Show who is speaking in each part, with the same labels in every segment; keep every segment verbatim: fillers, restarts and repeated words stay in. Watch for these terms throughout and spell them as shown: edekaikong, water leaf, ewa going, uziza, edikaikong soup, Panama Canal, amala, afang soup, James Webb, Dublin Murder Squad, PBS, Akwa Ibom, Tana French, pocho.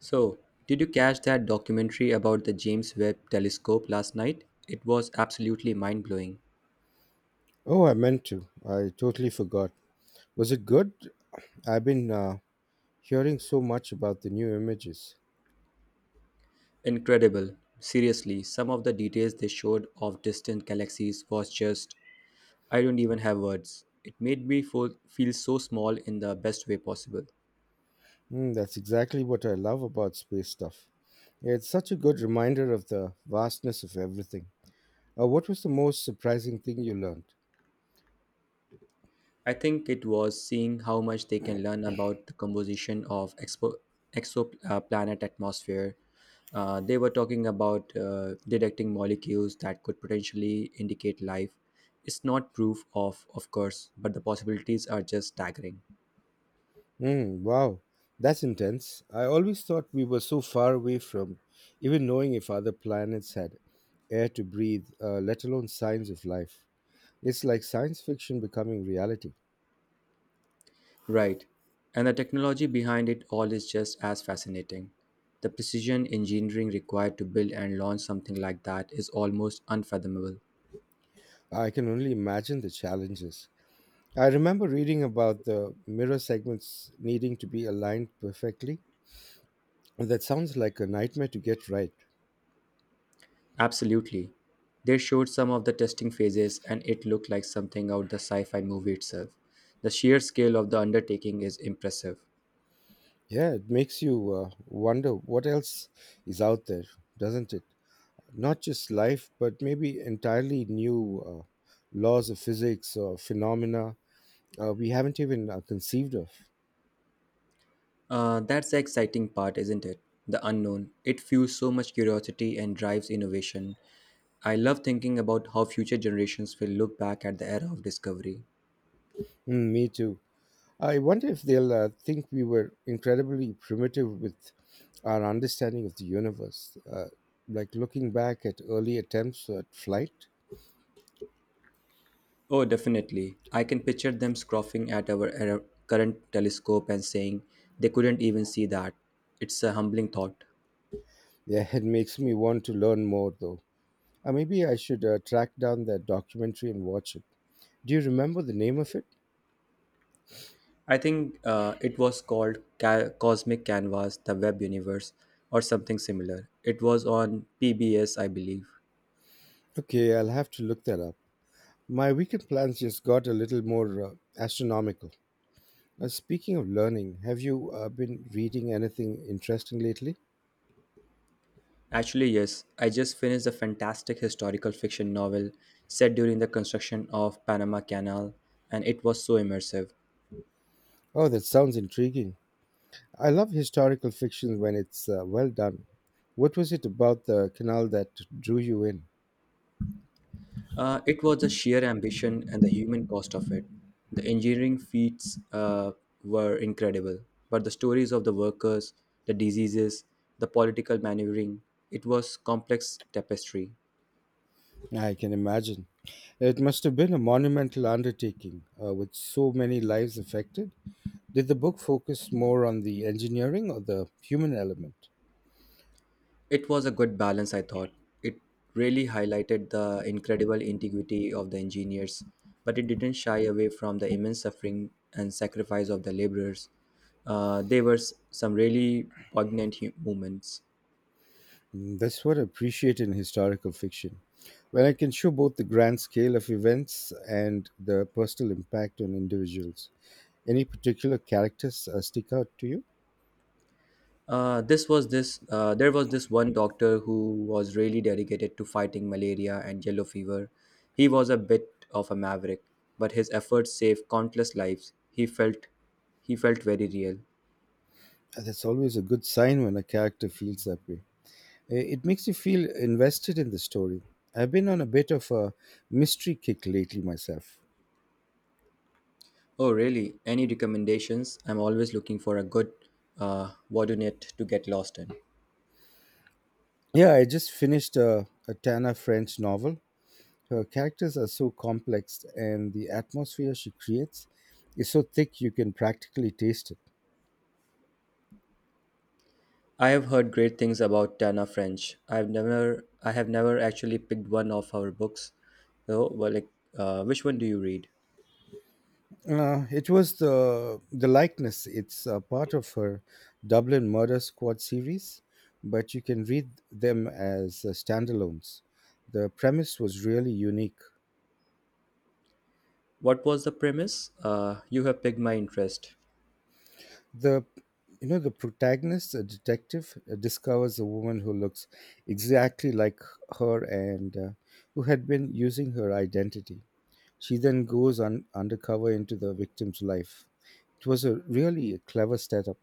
Speaker 1: So, did you catch that documentary about the James Webb telescope last night? It was absolutely mind blowing.
Speaker 2: Oh, I meant to. I totally forgot. Was it good? I've been uh, hearing so much about the new images.
Speaker 1: Incredible. Seriously, some of the details they showed of distant galaxies was just, I don't even have words. It made me fo- feel so small in the best way possible.
Speaker 2: Mm, that's exactly what I love about space stuff. It's such a good reminder of the vastness of everything. Uh, what was the most surprising thing you learned?
Speaker 1: I think it was seeing how much they can learn about the composition of expo- exoplanet atmosphere. Uh, they were talking about uh, detecting molecules that could potentially indicate life. It's not proof of, of course, but the possibilities are just staggering.
Speaker 2: Mm, wow, that's intense. I always thought we were so far away from even knowing if other planets had air to breathe, uh, let alone signs of life. It's like science fiction becoming reality.
Speaker 1: Right. And the technology behind it all is just as fascinating. The precision engineering required to build and launch something like that is almost unfathomable.
Speaker 2: I can only imagine the challenges. I remember reading about the mirror segments needing to be aligned perfectly. That sounds like a nightmare to get right.
Speaker 1: Absolutely. They showed some of the testing phases and it looked like something out the sci-fi movie itself. The sheer scale of the undertaking is impressive.
Speaker 2: Yeah, it makes you uh, wonder what else is out there, doesn't it? Not just life, but maybe entirely new uh, laws of physics or phenomena uh, we haven't even uh, conceived of.
Speaker 1: Uh, that's the exciting part, isn't it? The unknown. It fuels so much curiosity and drives innovation. I love thinking about how future generations will look back at the era of discovery.
Speaker 2: Mm, me too. I wonder if they'll uh, think we were incredibly primitive with our understanding of the universe. Uh, like looking back at early attempts at flight,
Speaker 1: Oh, definitely. I can picture them scoffing at our era- current telescope and saying they couldn't even see that. It's a humbling thought.
Speaker 2: yeah, it makes me want to learn more though. Uh, maybe I should uh, track down that documentary and watch it. Do you remember the name of it?
Speaker 1: I think uh, it was called Ca- Cosmic Canvas, the Web Universe, or something similar. It was on P B S, I believe.
Speaker 2: Okay, I'll have to look that up. My weekend plans just got a little more uh, astronomical. Uh, speaking of learning, have you uh, been reading anything interesting lately?
Speaker 1: Actually, yes, I just finished a fantastic historical fiction novel set during the construction of Panama Canal, and it was so immersive.
Speaker 2: Oh, that sounds intriguing. I love historical fiction when it's uh, well done. What was it about the canal that drew you in?
Speaker 1: Uh, it was the sheer ambition and the human cost of it. The engineering feats uh, were incredible, but the stories of the workers, the diseases, the political maneuvering, it was complex tapestry.
Speaker 2: I can imagine. It must have been a monumental undertaking uh, with so many lives affected. Did the book focus more on the engineering or the human element?
Speaker 1: It was a good balance, I thought. It really highlighted the incredible integrity of the engineers, but it didn't shy away from the immense suffering and sacrifice of the laborers. Uh, there were s- some really poignant hu- moments.
Speaker 2: Mm, that's what I appreciate in historical fiction. When I can show both the grand scale of events and the personal impact on individuals. Any particular characters uh, stick out to you?
Speaker 1: Uh, this was this. Uh, there was this one doctor who was really dedicated to fighting malaria and yellow fever. He was a bit of a maverick, but his efforts saved countless lives. He felt, he felt very real.
Speaker 2: And that's always a good sign when a character feels that way. I- It makes you feel invested in the story. I've been on a bit of a mystery kick lately myself.
Speaker 1: Oh, really? Any recommendations? I'm always looking for a good uh, whodunit to get lost in.
Speaker 2: Yeah, I just finished a, a Tana French novel. Her characters are so complex, and the atmosphere she creates is so thick you can practically taste it.
Speaker 1: I have heard great things about Tana French. I've never, I have never actually picked one of her books. So, well, like, uh, which one do you read?
Speaker 2: Uh, it was the the likeness. It's a part of her Dublin Murder Squad series, but you can read them as uh, standalones. The premise was really unique.
Speaker 1: What was the premise? Uh, you have piqued my interest.
Speaker 2: The You know, the protagonist, a detective, uh, discovers a woman who looks exactly like her and uh, who had been using her identity. She then goes on undercover into the victim's life. It was a really clever setup.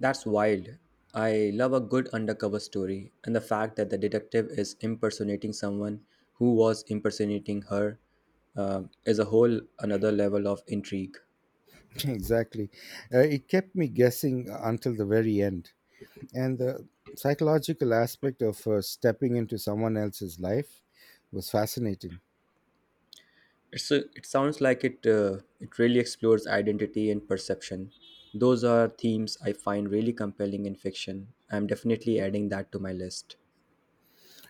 Speaker 1: That's wild. I love a good undercover story, and the fact that the detective is impersonating someone who was impersonating her uh, is a whole another level of intrigue.
Speaker 2: Exactly. Uh, it kept me guessing until the very end. And the psychological aspect of uh, stepping into someone else's life was fascinating.
Speaker 1: It's a, it sounds like it uh, it really explores identity and perception. Those are themes I find really compelling in fiction. I'm definitely adding that to my list.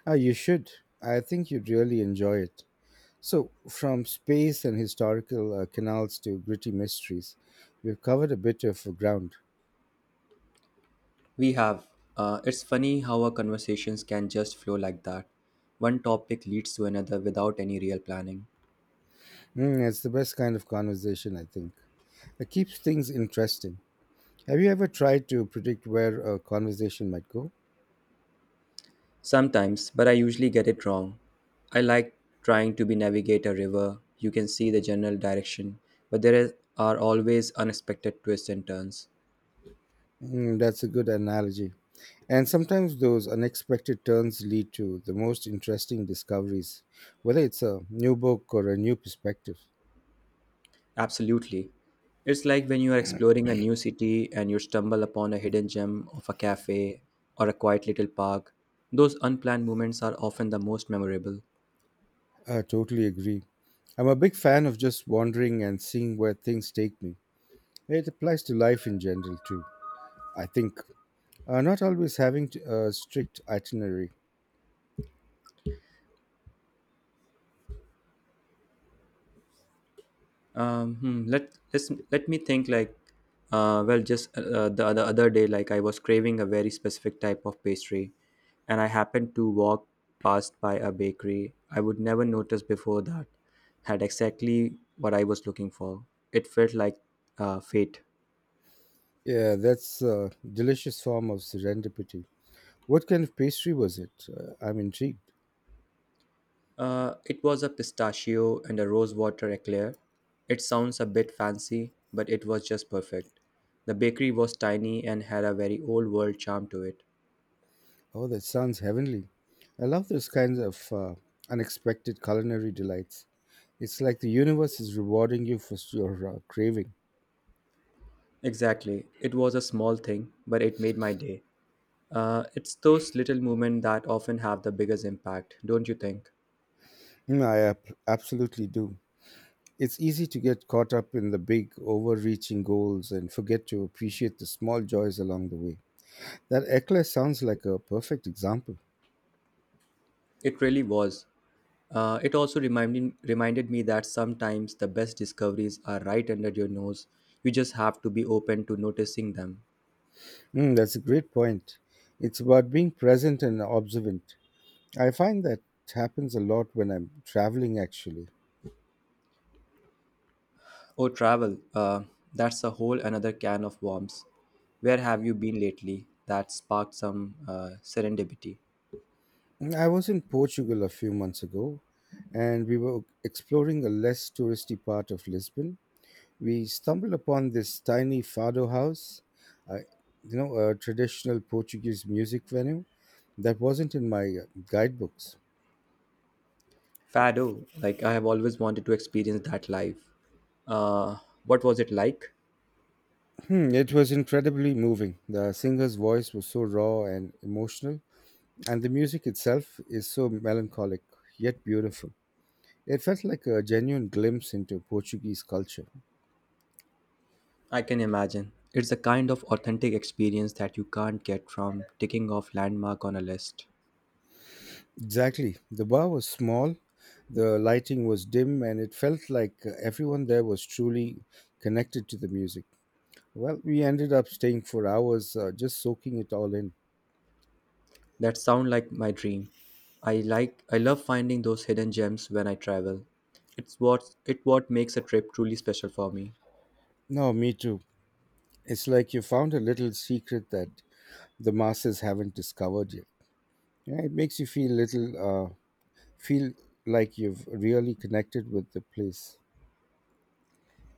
Speaker 2: Ah, you should. I think you'd really enjoy it. So, from space and historical uh, canals to gritty mysteries, we've covered a bit of ground.
Speaker 1: We have. Uh, it's funny how our conversations can just flow like that. One topic leads to another without any real planning.
Speaker 2: Mm, it's the best kind of conversation, I think. It keeps things interesting. Have you ever tried to predict where a conversation might go?
Speaker 1: Sometimes, but I usually get it wrong. I like trying to be navigate a river. You can see the general direction, but there is, are always unexpected twists and turns.
Speaker 2: Mm, that's a good analogy. And sometimes those unexpected turns lead to the most interesting discoveries, whether it's a new book or a new perspective.
Speaker 1: Absolutely. It's like when you are exploring a new city and you stumble upon a hidden gem of a cafe or a quiet little park. Those unplanned moments are often the most memorable.
Speaker 2: I totally agree. I'm a big fan of just wandering and seeing where things take me. It applies to life in general too, I think. Uh, not always having to, a strict itinerary.
Speaker 1: Um, hmm, let let's, let me think. Like, uh, well, just uh, the the other day, like I was craving a very specific type of pastry, and I happened to walk past by a bakery I would never notice before that had exactly what I was looking for. It felt like uh, fate.
Speaker 2: Yeah, that's a delicious form of serendipity. What kind of pastry was it? Uh, I'm intrigued.
Speaker 1: Uh, it was a pistachio and a rose water eclair. It sounds a bit fancy, but it was just perfect. The bakery was tiny and had a very old world charm to it.
Speaker 2: Oh, that sounds heavenly. I love those kinds of uh, unexpected culinary delights. It's like the universe is rewarding you for s- your uh, craving.
Speaker 1: Exactly. It was a small thing, but it made my day. Uh, it's those little moments that often have the biggest impact, don't you think?
Speaker 2: Mm, I ap- absolutely do. It's easy to get caught up in the big, overreaching goals and forget to appreciate the small joys along the way. That eclair sounds like a perfect example.
Speaker 1: It really was. Uh, it also reminded, reminded me that sometimes the best discoveries are right under your nose. You just have to be open to noticing them.
Speaker 2: Mm, that's a great point. It's about being present and observant. I find that happens a lot when I'm traveling, actually.
Speaker 1: Oh, travel. Uh, that's a whole another can of worms. Where have you been lately? That sparked some uh, serendipity.
Speaker 2: I was in Portugal a few months ago and we were exploring a less touristy part of Lisbon. We stumbled upon this tiny fado house, uh, you know, a traditional Portuguese music venue that wasn't in my uh, guidebooks.
Speaker 1: Fado, like I have always wanted to experience that life. Uh, what was it like?
Speaker 2: Hmm, it was incredibly moving. The singer's voice was so raw and emotional, and the music itself is so melancholic yet beautiful. It felt like a genuine glimpse into Portuguese culture.
Speaker 1: I can imagine. It's a kind of authentic experience that you can't get from ticking off landmark on a list.
Speaker 2: Exactly. The bar was small, the lighting was dim, and it felt like uh, everyone there was truly connected to the music. Well, we ended up staying for hours, uh, just soaking it all in.
Speaker 1: That sound like my dream. I like I love finding those hidden gems when I travel. It's what it what makes a trip truly special for me.
Speaker 2: No, me too. It's like you found a little secret that the masses haven't discovered yet. Yeah, it makes you feel little, uh, feel like you've really connected with the place.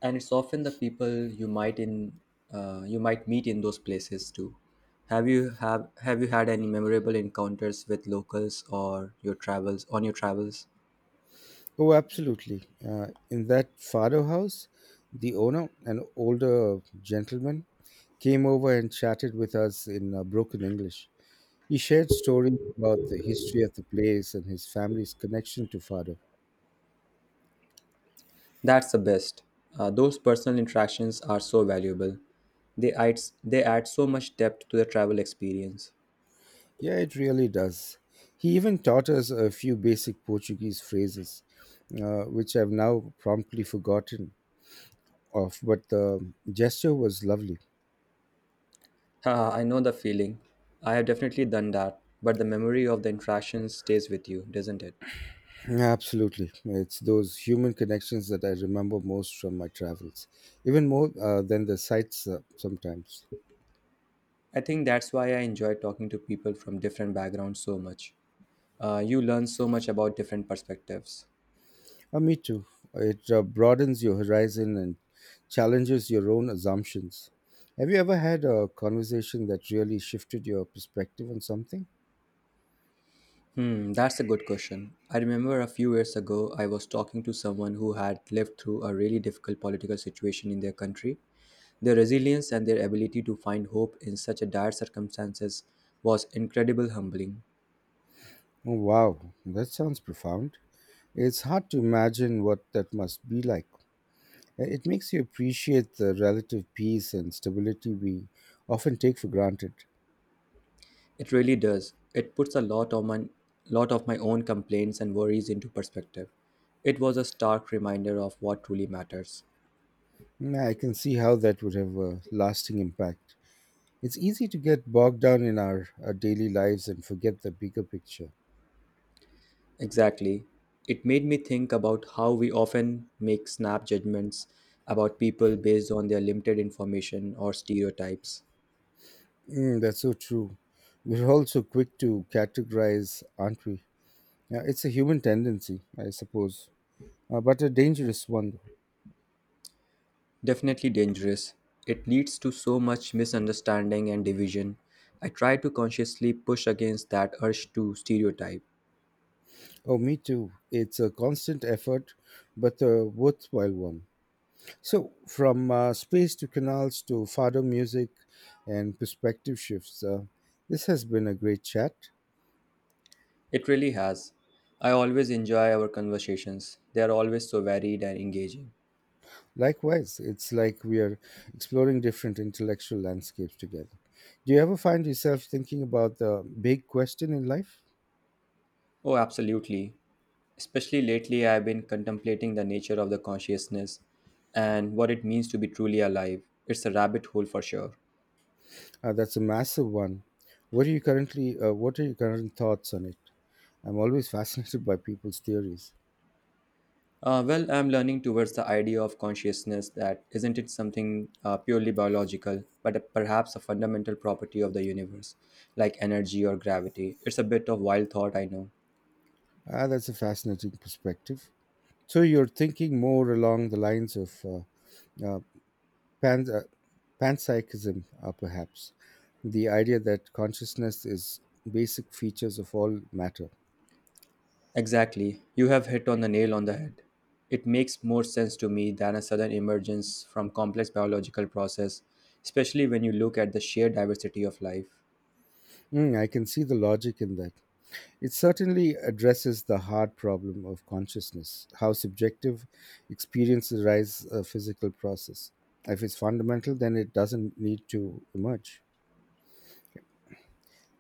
Speaker 1: And it's often the people you might in uh, you might meet in those places too. Have you have have you had any memorable encounters with locals or your travels on your travels?
Speaker 2: Oh, absolutely. Uh, in that Fado house, the owner, an older gentleman, came over and chatted with us in uh, broken English. He shared stories about the history of the place and his family's connection to Fado.
Speaker 1: That's the best. Uh, those personal interactions are so valuable. They add they add so much depth to the travel experience.
Speaker 2: Yeah, it really does. He even taught us a few basic Portuguese phrases, uh, which I've now promptly forgotten of, but the gesture was lovely.
Speaker 1: Haha, I know the feeling. I have definitely done that, but the memory of the interaction stays with you, doesn't it?
Speaker 2: Absolutely. It's those human connections that I remember most from my travels, even more uh, than the sights uh, sometimes.
Speaker 1: I think that's why I enjoy talking to people from different backgrounds so much. Uh, you learn so much about different perspectives.
Speaker 2: Uh, me too. It uh, broadens your horizon and challenges your own assumptions. Have you ever had a conversation that really shifted your perspective on something?
Speaker 1: Hmm, that's a good question. I remember a few years ago, I was talking to someone who had lived through a really difficult political situation in their country. Their resilience and their ability to find hope in such a dire circumstances was incredible humbling.
Speaker 2: Oh, wow, that sounds profound. It's hard to imagine what that must be like. Uh, It makes you appreciate the relative peace and stability we often take for granted.
Speaker 1: It really does. It puts a lot of my, lot of my own complaints and worries into perspective. It was a stark reminder of what truly matters.
Speaker 2: Mm, I can see how that would have a lasting impact. It's easy to get bogged down in our, our daily lives and forget the bigger picture.
Speaker 1: Exactly. It made me think about how we often make snap judgments about people based on their limited information or stereotypes.
Speaker 2: Mm, that's so true. We're all so quick to categorize, aren't we? Yeah, it's a human tendency, I suppose, uh, but a dangerous one.
Speaker 1: Definitely dangerous. It leads to so much misunderstanding and division. I try to consciously push against that urge to stereotype.
Speaker 2: Oh, me too. It's a constant effort, but a worthwhile one. So, from uh, space to canals to fado music and perspective shifts, uh, this has been a great chat.
Speaker 1: It really has. I always enjoy our conversations. They are always so varied and engaging.
Speaker 2: Likewise, it's like we are exploring different intellectual landscapes together. Do you ever find yourself thinking about the big question in life?
Speaker 1: Oh, absolutely. Especially lately, I've been contemplating the nature of the consciousness and what it means to be truly alive. It's a rabbit hole for sure.
Speaker 2: Uh, that's a massive one. What are you currently? Uh, what are your current thoughts on it? I'm always fascinated by people's theories.
Speaker 1: Uh, well, I'm learning towards the idea of consciousness that isn't it something uh, purely biological, but a- perhaps a fundamental property of the universe, like energy or gravity. It's a bit of wild thought, I know.
Speaker 2: Ah, that's a fascinating perspective. So you're thinking more along the lines of uh, uh, pan- uh, panpsychism, uh, perhaps the idea that consciousness is basic features of all matter.
Speaker 1: Exactly. You have hit on the nail on the head. It makes more sense to me than a sudden emergence from complex biological process, especially when you look at the sheer diversity of life.
Speaker 2: Mm, I can see the logic in that. It certainly addresses the hard problem of consciousness, how subjective experiences rise a physical process. If it's fundamental, then it doesn't need to emerge.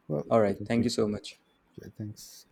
Speaker 2: Well,
Speaker 1: All right,
Speaker 2: thank
Speaker 1: thank
Speaker 2: you.
Speaker 1: you so much.
Speaker 2: Yeah, thanks.